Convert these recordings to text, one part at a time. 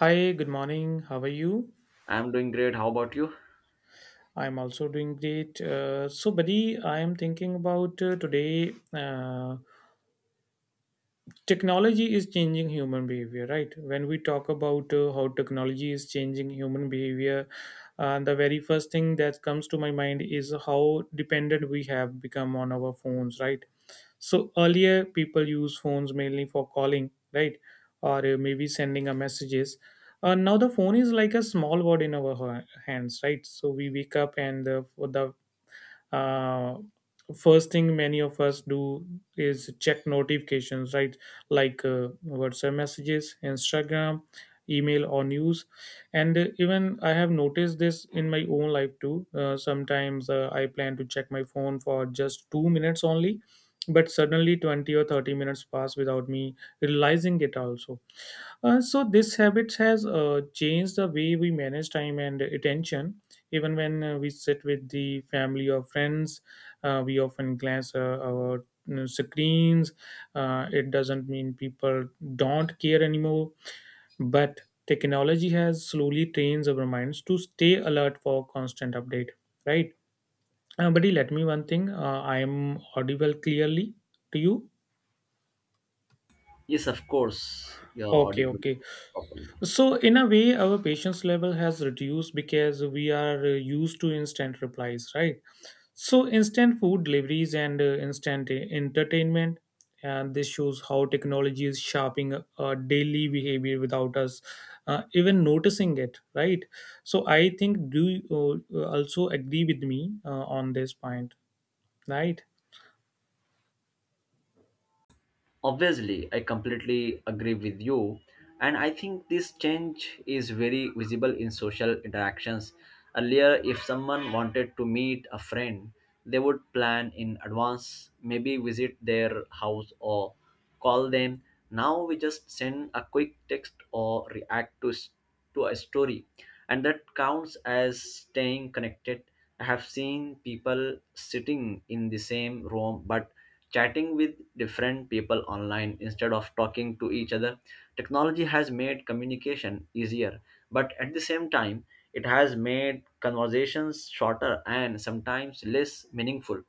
Hi, good morning. How are you? I'm doing great. How about you? I'm also doing great. So, buddy, I am thinking about, today. Technology is changing human behavior, right? When we talk about, how technology is changing human behavior, the very first thing that comes to my mind is how dependent we have become on our phones, right? So earlier people use phones mainly for calling, right? Or maybe sending a messages. Now the phone is like a small word in our hands, right? So we wake up, and the uh, first thing many of us do is check notifications, right? Like, WhatsApp messages, Instagram, email, or news. And even I have noticed this in my own life too, sometimes, I plan to check my phone for just 2 minutes only, but suddenly 20 or 30 minutes pass without me realizing it also. So this habit has changed the way we manage time and attention. Even when we sit with the family or friends, we often glance our screens. It doesn't mean people don't care anymore, but technology has slowly trained our minds to stay alert for constant update. Right, buddy. Let me one thing. I am audible clearly to you. Yes, of course. You're Okay, audible okay. properly. So, in a way, our patience level has reduced because we are used to instant replies, right? So, instant food deliveries and instant entertainment, and this shows how technology is shaping our daily behavior without us even noticing it, right? So, I think, do you also agree with me on this point, right? Obviously, I completely agree with you. And I think this change is very visible in social interactions. Earlier, if someone wanted to meet a friend, they would plan in advance, maybe visit their house or call them. Now we just send a quick text or react to, to a story. And that counts as staying connected. I have seen people sitting in the same room but chatting with different people online instead of talking to each other. Technology has made communication easier, but at the same time, it has made conversations shorter and sometimes less meaningful.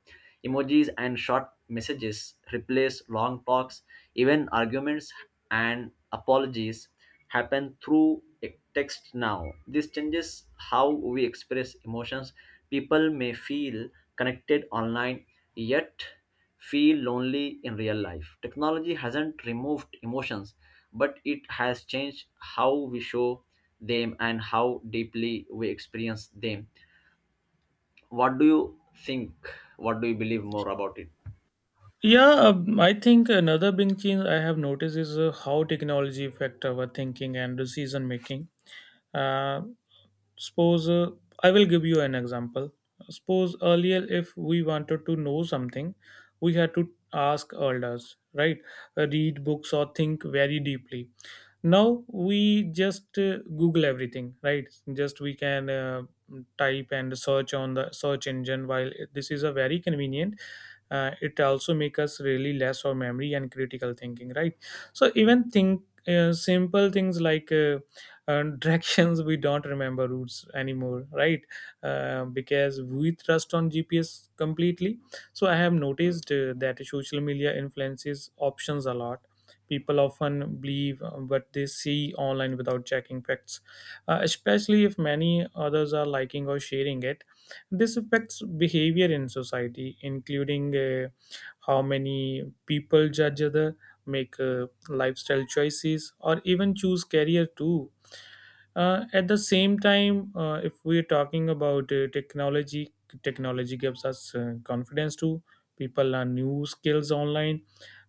Emojis and short messages replace long talks, even arguments and apologies happen through text now. This changes how we express emotions. People may feel connected online, yet feel lonely in real life. Technology hasn't removed emotions, but it has changed how we show them and how deeply we experience them. What do you think? What do you believe more about it? Yeah, I think another big change I have noticed is how technology affect our thinking and decision making. Uh, suppose I will give you an example. Suppose earlier, if we wanted to know something, we had to ask elders, right? Read books or think very deeply. Now we just google everything, right? Just we can type and search on the search engine. While this is a very convenient, it also make us really less of memory and critical thinking, right? So even think simple things, like directions, we don't remember routes anymore, right, because we trust on GPS completely. So I have noticed that social media influences options a lot. People often believe what they see online without checking facts, especially if many others are liking or sharing it. This affects behavior in society, including how many people judge other, make lifestyle choices, or even choose career too. At the same time, if we're talking about technology, technology gives us confidence too. People learn new skills online,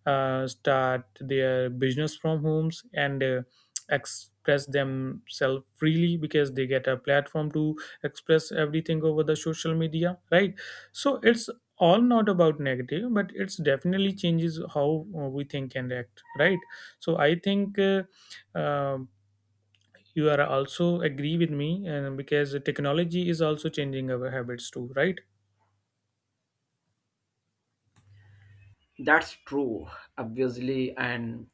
start their business from homes, and express themselves freely because they get a platform to express everything over the social media, right? So it's all not about negative, but it's definitely changes how we think and act, right? So I think uh, you are also agree with me, and because technology is also changing our habits too, right? That's true, obviously, and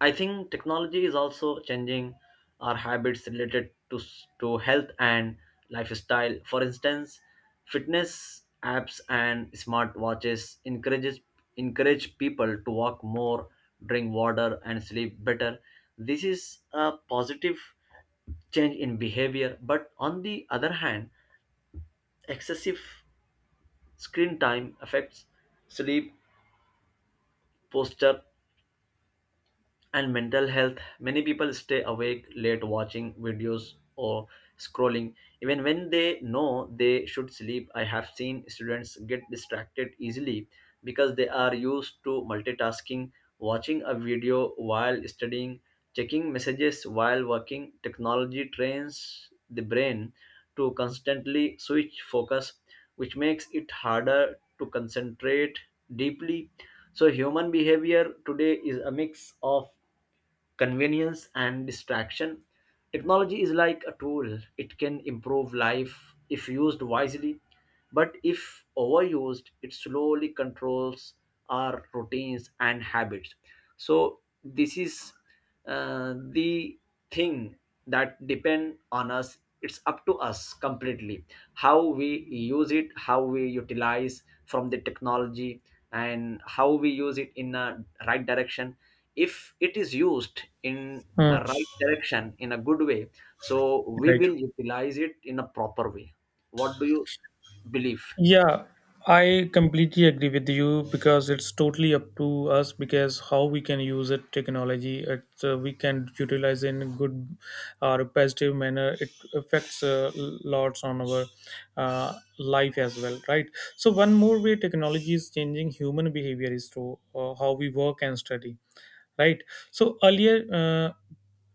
I think technology is also changing our habits related to to health and lifestyle. For instance, fitness apps and smartwatches encourage people to walk more, drink water, and sleep better. This is a positive change in behavior, but on the other hand, excessive screen time affects sleep, posture, and mental health. Many people stay awake late watching videos or scrolling even when they know they should sleep. I have seen students get distracted easily because they are used to multitasking, watching a video while studying, checking messages while working. Technology trains the brain to constantly switch focus, which makes it harder to concentrate deeply. So human behavior today is a mix of convenience and distraction. Technology is like a tool, it can improve life if used wisely, but if overused, it slowly controls our routines and habits. So, this is the thing that depend on us. It's up to us completely how we use it, how we utilize from the technology, and how we use it in a right direction. If it is used in Hmm. a right direction in a good way, so we Right. will utilize it in a proper way. What do you believe? Yeah, I completely agree with you because it's totally up to us, because how we can use it technology it, we can utilize in good or positive manner. It affects lots on our uh, life as well, right? So one more way technology is changing human behavior is through how we work and study, right? So earlier,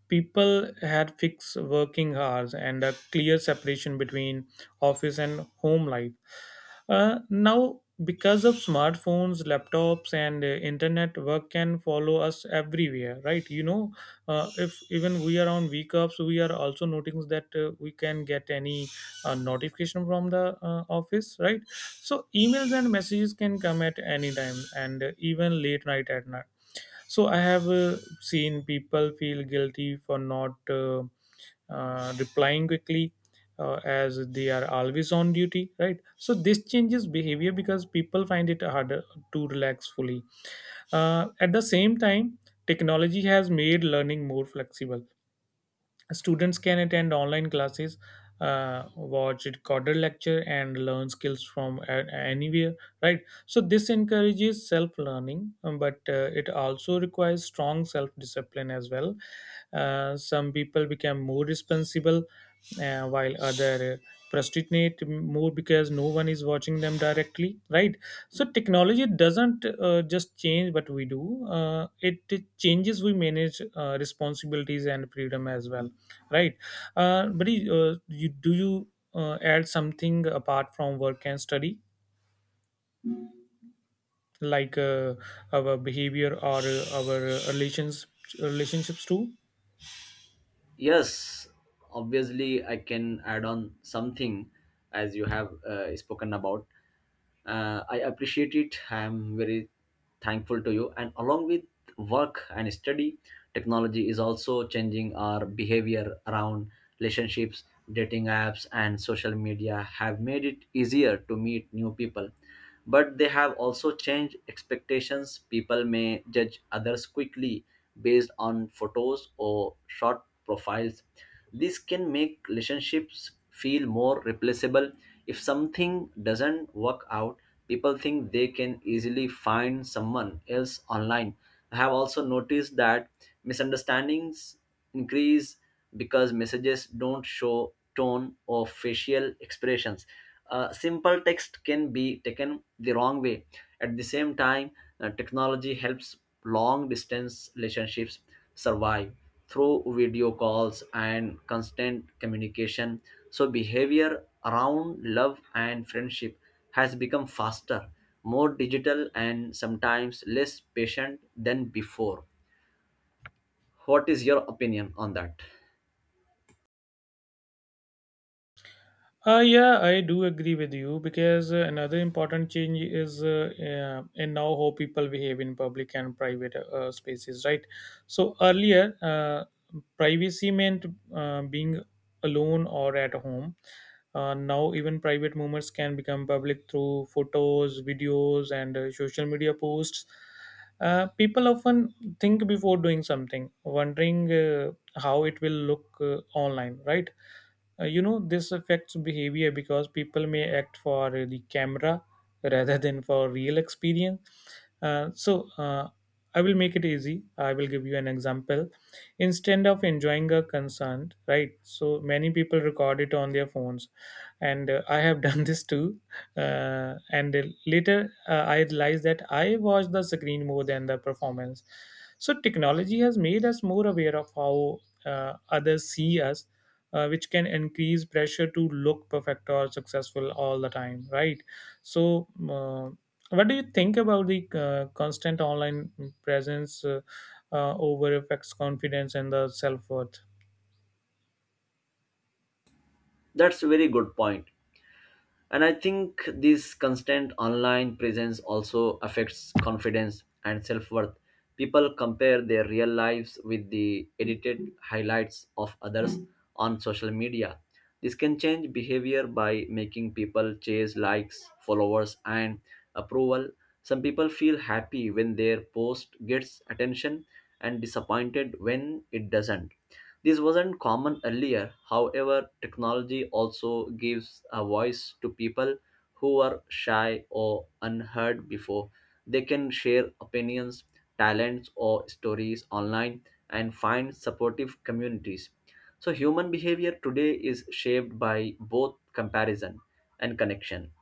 people had fixed working hours and a clear separation between office and home life. Now, because of smartphones, laptops, and internet, work can follow us everywhere, right? If even we are on VCups, we are also noticing that we can get any notification from the office, right? So, emails and messages can come at any time, and even late night at night. So I have seen people feel guilty for not replying quickly, as they are always on duty, right? So this changes behavior because people find it harder to relax fully. At the same time, technology has made learning more flexible. Students can attend online classes, watch recorded lecture, and learn skills from anywhere. Right. So this encourages self-learning, but it also requires strong self-discipline as well. Some people become more responsible, while other procrastinate more because no one is watching them directly, right? So technology doesn't just change what we do. It changes we manage responsibilities and freedom as well, right? But do you add something apart from work and study, like our behavior or our relationships too? Yes, obviously, I can add on something as you have spoken about. I appreciate it. I am very thankful to you. And along with work and study, technology is also changing our behavior around relationships. Dating apps and social media have made it easier to meet new people, but they have also changed expectations. People may judge others quickly based on photos or short profiles. This can make relationships feel more replaceable. If something doesn't work out, people think they can easily find someone else online. I have also noticed that misunderstandings increase because messages don't show tone or facial expressions. Simple text can be taken the wrong way. At the same time, technology helps long distance relationships survive through video calls and constant communication. So, behavior around love and friendship has become faster, more digital, and sometimes less patient than before. What is your opinion on that? Yeah, I do agree with you, because another important change is in now how people behave in public and private spaces, right? So earlier, privacy meant being alone or at home. Now, even private moments can become public through photos, videos, and social media posts. People often think before doing something, wondering how it will look online, right? You know this affects behavior because people may act for the camera rather than for real experience. So I will make it easy. I will give you an example. Instead of enjoying a concert, right, so many people record it on their phones. And I have done this too. And later, I realized that I watched the screen more than the performance. So technology has made us more aware of how others see us, which can increase pressure to look perfect or successful all the time, right? So, uh, what do you think about the constant online presence, over affects confidence and the self-worth? That's a very good point. And I think this constant online presence also affects confidence and self worth. People compare their real lives with the edited highlights of others on social media. This can change behavior by making people chase likes, followers, and approval. Some people feel happy when their post gets attention and disappointed when it doesn't. This wasn't common earlier, however, technology also gives a voice to people who were shy or unheard before. They can share opinions, talents, or stories online and find supportive communities. So, human behavior today is shaped by both comparison and connection.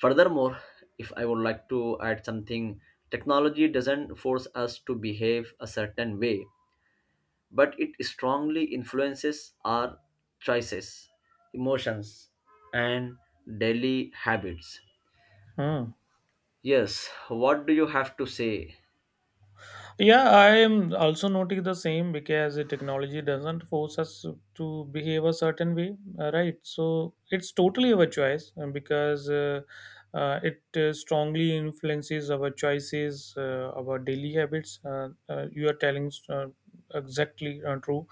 Furthermore, if I would like to add something, technology doesn't force us to behave a certain way, but it strongly influences our choices, emotions, and daily habits. Hmm. Yes, what do you have to say? Yeah, I am also noting the same because the technology doesn't force us to behave a certain way, right? So it's totally our choice, because it strongly influences our choices, our daily habits. You are telling exactly true.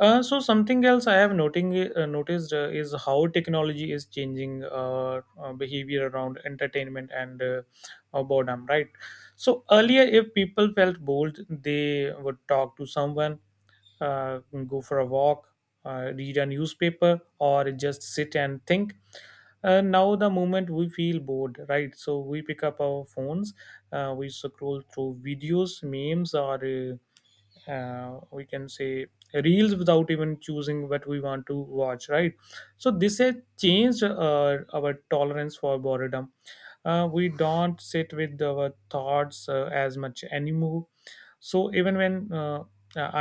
So something else I have noting noticed is how technology is changing our behavior around entertainment and boredom, right? So earlier, if people felt bold, they would talk to someone, uh, go for a walk, read a newspaper, or just sit and think. Now, the moment we feel bored, right? So we pick up our phones, we scroll through videos, memes, or we can say reels without even choosing what we want to watch, right? So this has changed our tolerance for boredom. We don't sit with our thoughts as much anymore. So even when uh,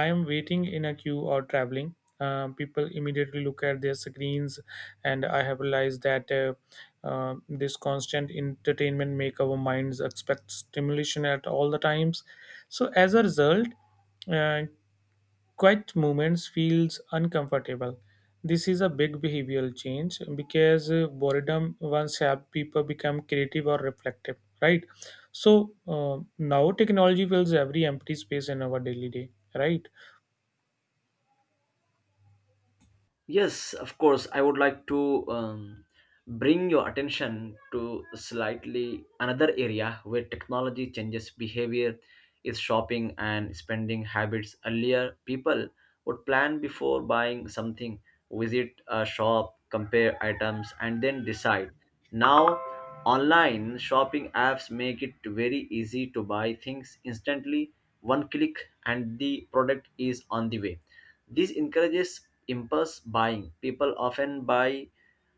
i am waiting in a queue or traveling, people immediately look at their screens. And I have realized that this constant entertainment make our minds expect stimulation at all the times. So as a result, uh, quiet moments feels uncomfortable. This is a big behavioral change because boredom once helped people become creative or reflective, right? So now technology fills every empty space in our daily day, right? Yes, of course. I would like to bring your attention to slightly another area where technology changes behavior is shopping and spending habits. Earlier, people would plan before buying something, visit a shop, compare items, and then decide. Now, online shopping apps make it very easy to buy things instantly, one click, and the product is on the way. This encourages impulse buying. People often buy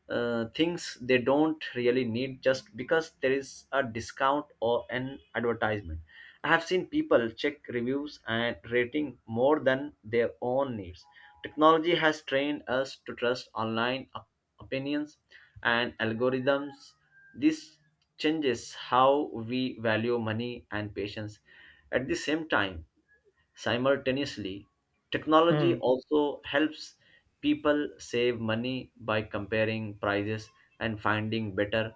things they don't really need just because there is a discount or an advertisement. I have seen people check reviews and rating more than their own needs. Technology has trained us to trust online opinions and algorithms. This changes how we value money and patience. At the same time, simultaneously, technology Hmm. also helps people save money by comparing prices and finding better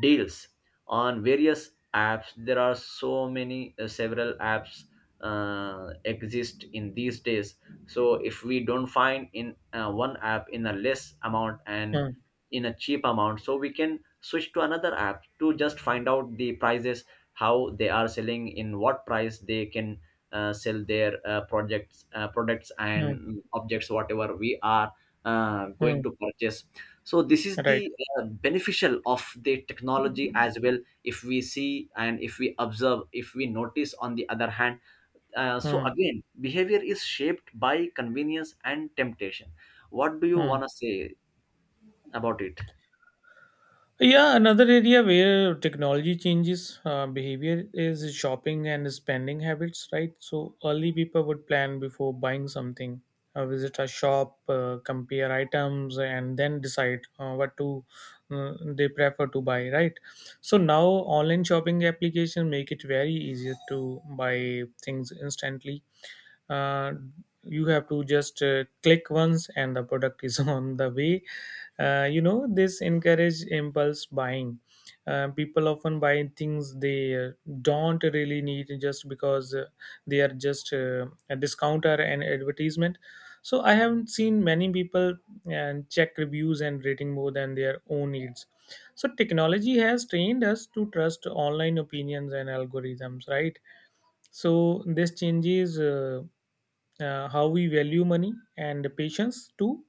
deals on various apps. There are so many, several apps exist in these days. So if we don't find in one app in a less amount and Hmm. in a cheap amount, so we can switch to another app to just find out the prices, how they are selling, in what price they can sell their projects, products Hmm. and objects whatever we are going Hmm. to purchase. So this is Right. the beneficial of the technology as well, if we see and if we observe, if we notice. On the other hand, so Hmm. again behavior is shaped by convenience and temptation. What do you Hmm. want to say about it? Yeah, another area where technology changes behavior is shopping and spending habits, right? So early people would plan before buying something, visit a shop, compare items, and then decide what to they prefer to buy, right? So now online shopping applications make it very easier to buy things instantly. uh, you have to just click once and the product is on the way. You know this encourage impulse buying. People often buy things they don't really need just because they are just a discounter and advertisement. So I haven't seen many people and check reviews and rating more than their own needs. So technology has trained us to trust online opinions and algorithms, right? So this changes how we value money and patience too.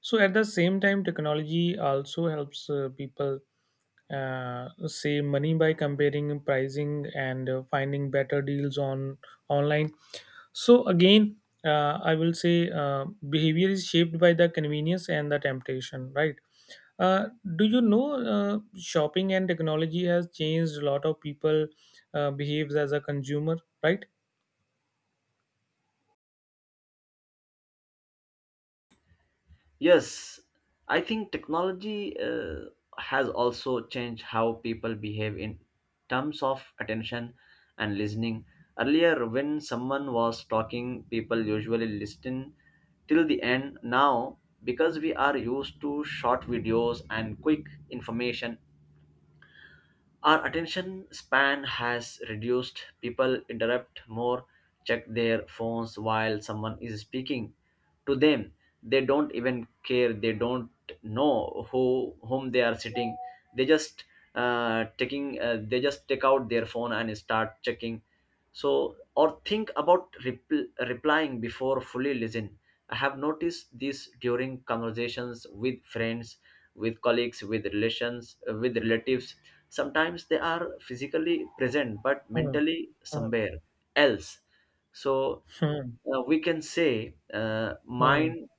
So at the same time technology also helps people save money by comparing pricing and finding better deals on online. So again, I will say, behavior is shaped by the convenience and the temptation, right? uh, do you know shopping and technology has changed a lot of people behaves as a consumer, right? Yes, I think technology has also changed how people behave in terms of attention and listening. Earlier, when someone was talking, people usually listened till the end. Now, because we are used to short videos and quick information, our attention span has reduced. People interrupt more, check their phones while someone is speaking to them. They don't even care. They don't know who whom they are sitting. They just taking. They just take out their phone and start checking. So or think about replying before fully listen. I have noticed this during conversations with friends, with colleagues, with relations, with relatives. Sometimes they are physically present but Hmm. mentally Hmm. somewhere else. So Hmm. We can say, Hmm. mind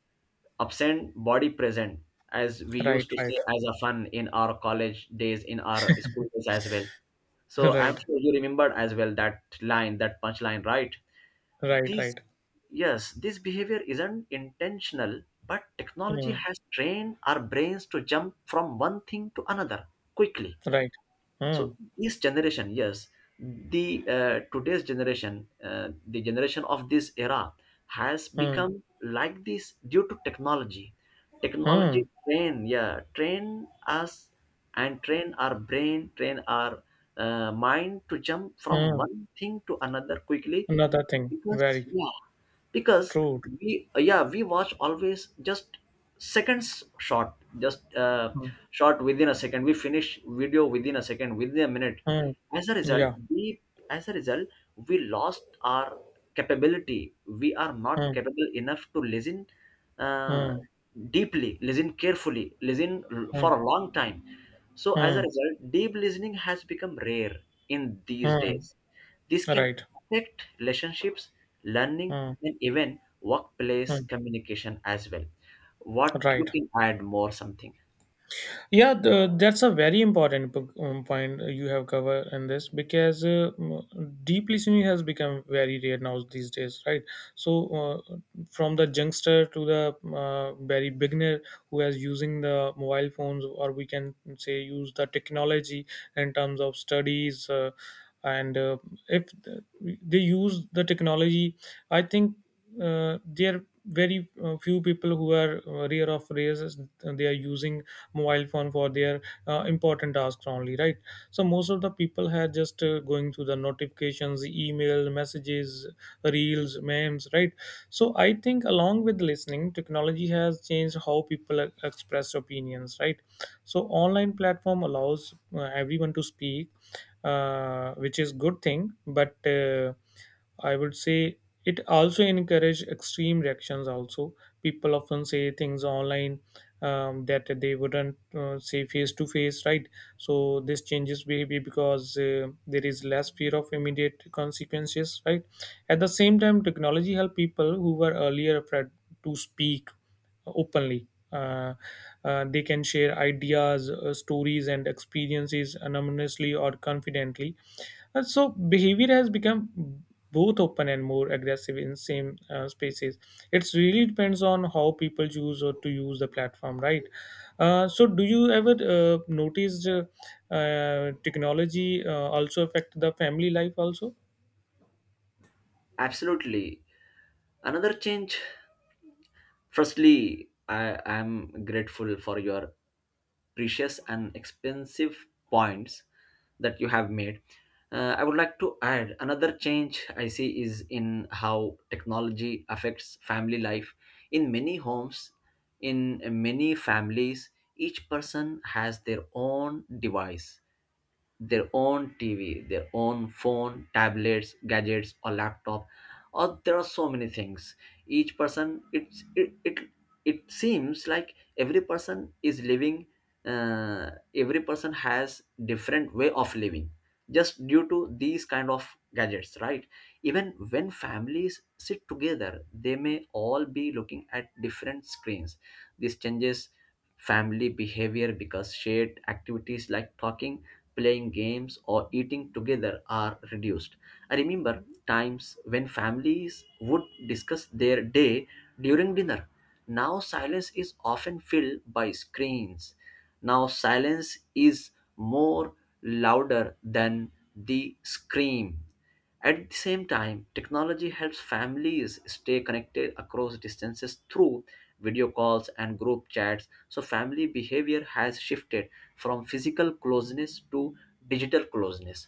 absent, body present, as we Right. used to Right. say as a fun in our college days, in our school days as well. So I'm Right. sure you remembered as well that line, that punchline, right? Right, This, right. yes, this behavior isn't intentional, but technology Mm. has trained our brains to jump from one thing to another quickly. Right. So Mm, this generation, yes, the today's generation, the generation of this era has mm, become like this due to technology. Technology mm, train, yeah, train us and train our brain, train our mind to jump from mm. one thing to another quickly. Another thing, Because very yeah, because true. we, yeah, we watch always just seconds short, just Mm, short, within a second we finish video, within a second, within a minute. mm, As a result, yeah. we, as a result, we lost our capability, we are not Mm, capable enough to listen uh, mm, deeply, listen carefully, listen for mm, a long time. So, as a mm, result, deep listening has become rare in these mm. days. This can Right. affect relationships, learning, Mm, and even workplace mm, communication as well. What you right. can add more something? Yeah, that's a very important point you have covered in this because deep listening has become very rare now these days, right? So from the youngster to the very beginner who is using the mobile phones, or we can say use the technology in terms of studies, and if they use the technology, I think there are very few people who are rare of races they are using mobile phone for their important tasks only, right. So most of the people had just going through the notifications, email, messages, reels, memes, right. So I think along with listening, technology has changed how people express opinions, right. So online platform allows everyone to speak, which is good thing, but I would say it also encourage extreme reactions also. People often say things online that they wouldn't see face to face, right? So this changes behavior because there is less fear of immediate consequences, right? At the same time, technology help people who were earlier afraid to speak openly. They can share ideas, stories, and experiences anonymously or confidently, and so behavior has become both open and more aggressive in same spaces. It's really depends on how people choose or to use the platform, right? So do you ever notice, technology also affect the family life also? Absolutely. Another change. Firstly, I am grateful for your precious and expensive points that you have made. I would like to add another change I see is in how technology affects family life. In many homes, in many families, each person has their own device, their own TV, their own phone, tablets, gadgets, or laptop, or there are so many things. Each person, it, it seems like every person is living. Every person has different way of living just due to these kind of gadgets, right? Even when families sit together, they may all be looking at different screens. This changes family behavior because shared activities like talking, playing games or eating together are reduced. I remember times when families would discuss their day during dinner. Now silence is often filled by screens. Now, silence is more louder than the scream. At the same time, technology helps families stay connected across distances through video calls and group chats. So, family behavior has shifted from physical closeness to digital closeness.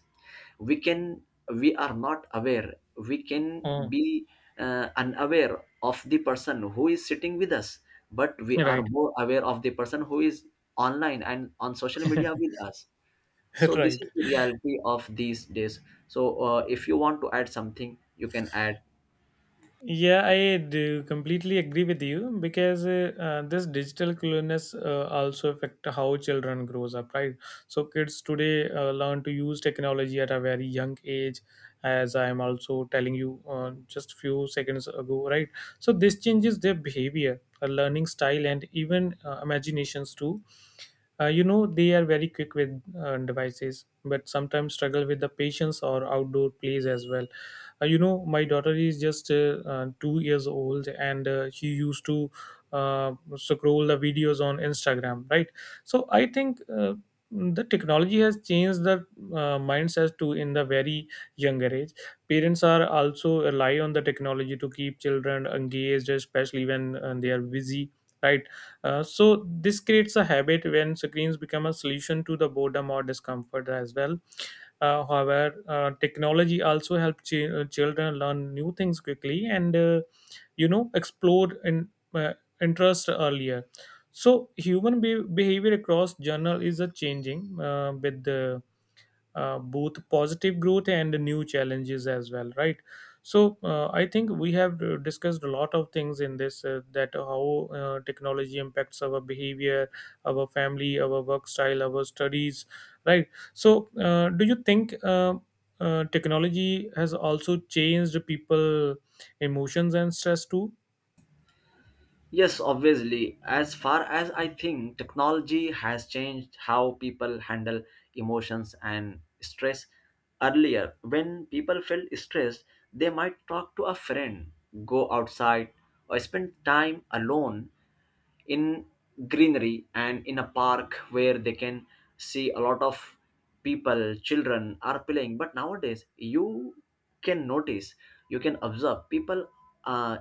We can, we are not aware, we can Mm. be unaware of the person who is sitting with us, but we are Right, more aware of the person who is online and on social media with us. So this right. is the reality of these days. So if you want to add something, you can add. Yeah, I do completely agree with you because this digital cluelessness also affect how children grows up, right? So kids today learn to use technology at a very young age, as I am also telling you just few seconds ago, right? So this changes their behavior, learning style, and even imaginations too. You know, they are very quick with devices, but sometimes struggle with the patience or outdoor plays as well. You know, my daughter is just 2 years old, and she used to scroll the videos on Instagram, right? So I think. The technology has changed the mindset to in the very younger age. Parents are also rely on the technology to keep children engaged, especially when they are busy, right. So this creates a habit when screens become a solution to the boredom or discomfort as well. However, technology also helps children learn new things quickly and, you know, explore in uh, interest earlier. So human behavior across journal is a changing with the both positive growth and new challenges as well, right. So I think we have discussed a lot of things in this that how technology impacts our behavior, our family, our work style, our studies, right. So do you think technology has also changed people emotions and stress too? Yes, obviously. As far as I think, technology has changed how people handle emotions and stress. Earlier, when people felt stressed, they might talk to a friend, go outside, or spend time alone in greenery and in a park where they can see a lot of people, children are playing. But nowadays you can notice, you can observe people, uh,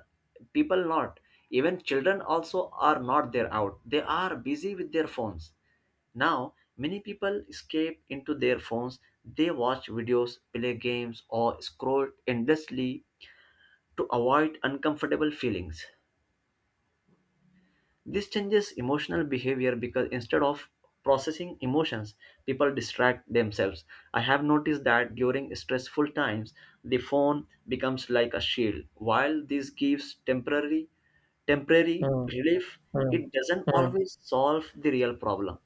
people not even children also are not there out, they are busy with their phones. Now many people escape into their phones, they watch videos, play games or scroll endlessly to avoid uncomfortable feelings. This changes emotional behavior because instead of processing emotions, people distract themselves. I have noticed that during stressful times, the phone becomes like a shield. While this gives temporary Hmm, relief, hmm, it doesn't hmm, always solve the real problem.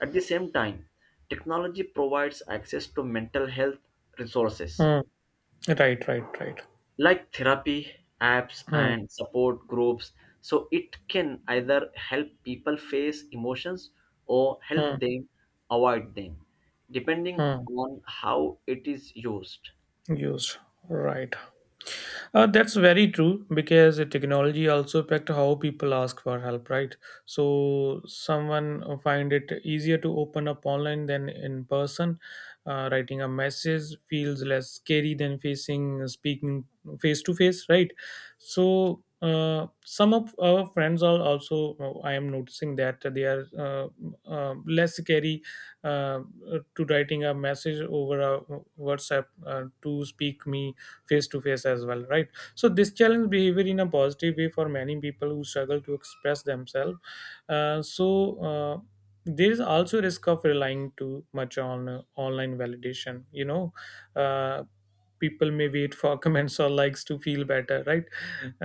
At the same time, technology provides access to mental health resources hmm. Right, right, right. like therapy apps Hmm, and support groups, so it can either help people face emotions or help hmm, them avoid them, depending hmm. on how it is used. Used, right. That's very true because the technology also affect how people ask for help, right? So someone find it easier to open up online than in person. Writing a message feels less scary than facing speaking face to face, right? So some of our friends are also I am noticing that they are less scary uh, to writing a message over a WhatsApp to speak me face to face as well, right. So this challenge behavior in a positive way for many people who struggle to express themselves. uh, so uh, there is also risk of relying too much on online validation, you know. uh, People may wait for comments or likes to feel better, right.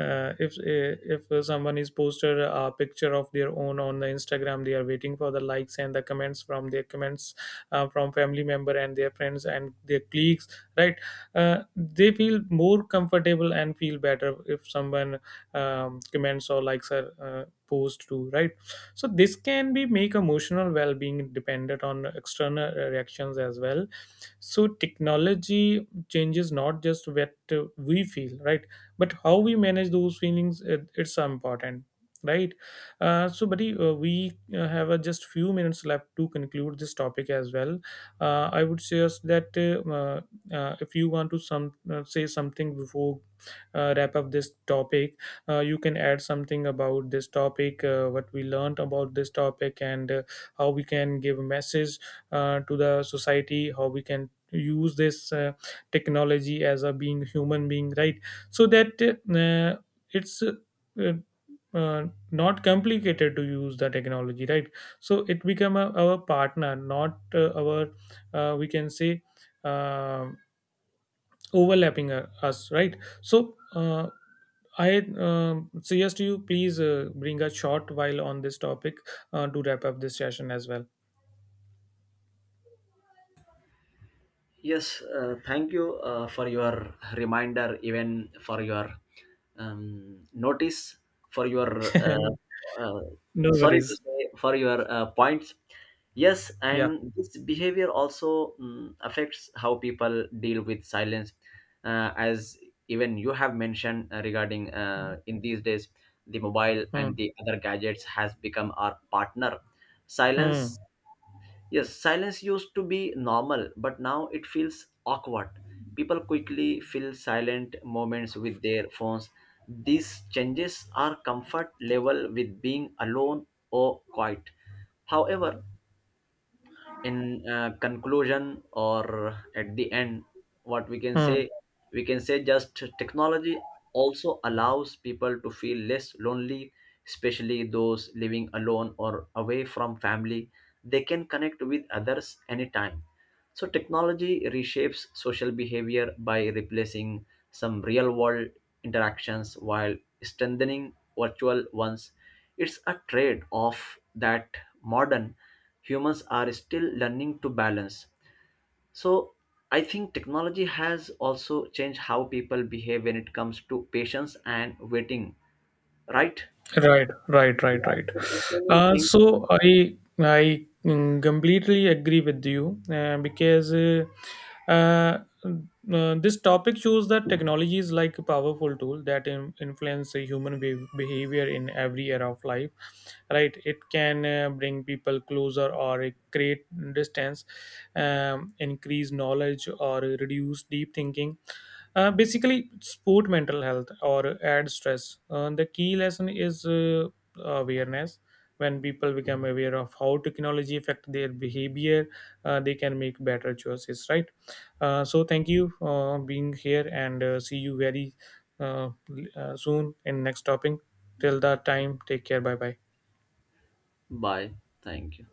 If eh, if someone is posted a picture of their own on the Instagram, they are waiting for the likes and the comments from their comments, from family member and their friends and their colleagues, right. They feel more comfortable and feel better if someone comments or likes are posed to, right. So this can be make emotional well-being dependent on external reactions as well. So technology changes not just what we feel, right, but how we manage those feelings. It's so important, right. So buddy, we have just few minutes left to conclude this topic as well. I would suggest that if you want to some say something before wrap up this topic, you can add something about this topic, what we learned about this topic, and how we can give a message to the society, how we can use this technology as a being human being, right? So that it's uh, not complicated to use the technology, right? So it become a, our partner, not our we can say uh, overlapping us, right? So. I suggest you please bring a short while on this topic to wrap up this session as well. Yes, thank you for your reminder, even for your notice, for your And uh, no sorry to worries. say, for your points. Yes, Yeah. and this behavior also affects how people deal with silence, as even you have mentioned regarding in these days the mobile and Hmm. the other gadgets has become our partner. Hmm. Silence, yes, silence used to be normal, but now it feels awkward. People quickly fill silent moments with their phones. These changes are comfort level with being alone or quiet. However, in conclusion or at the end, what we can Hmm. say, we can say just technology also allows people to feel less lonely, especially those living alone or away from family. They can connect with others anytime. So technology reshapes social behavior by replacing some real world interactions while strengthening virtual ones. It's a trade off that modern humans are still learning to balance. So I think technology has also changed how people behave when it comes to patience and waiting, right? Right, right, right, right. Yeah, so many things. So I completely agree with you because uh, this topic shows that technology is like a powerful tool that influence the human behavior in every area of life. Right, it can bring people closer or it create distance, increase knowledge or reduce deep thinking, basically, support mental health or add stress. The key lesson is awareness. When people become aware of how technology affect their behavior, they can make better choices. Right. So thank you being here, and see you very soon in next topic. Till that time, take care. Bye bye. Bye. Thank you.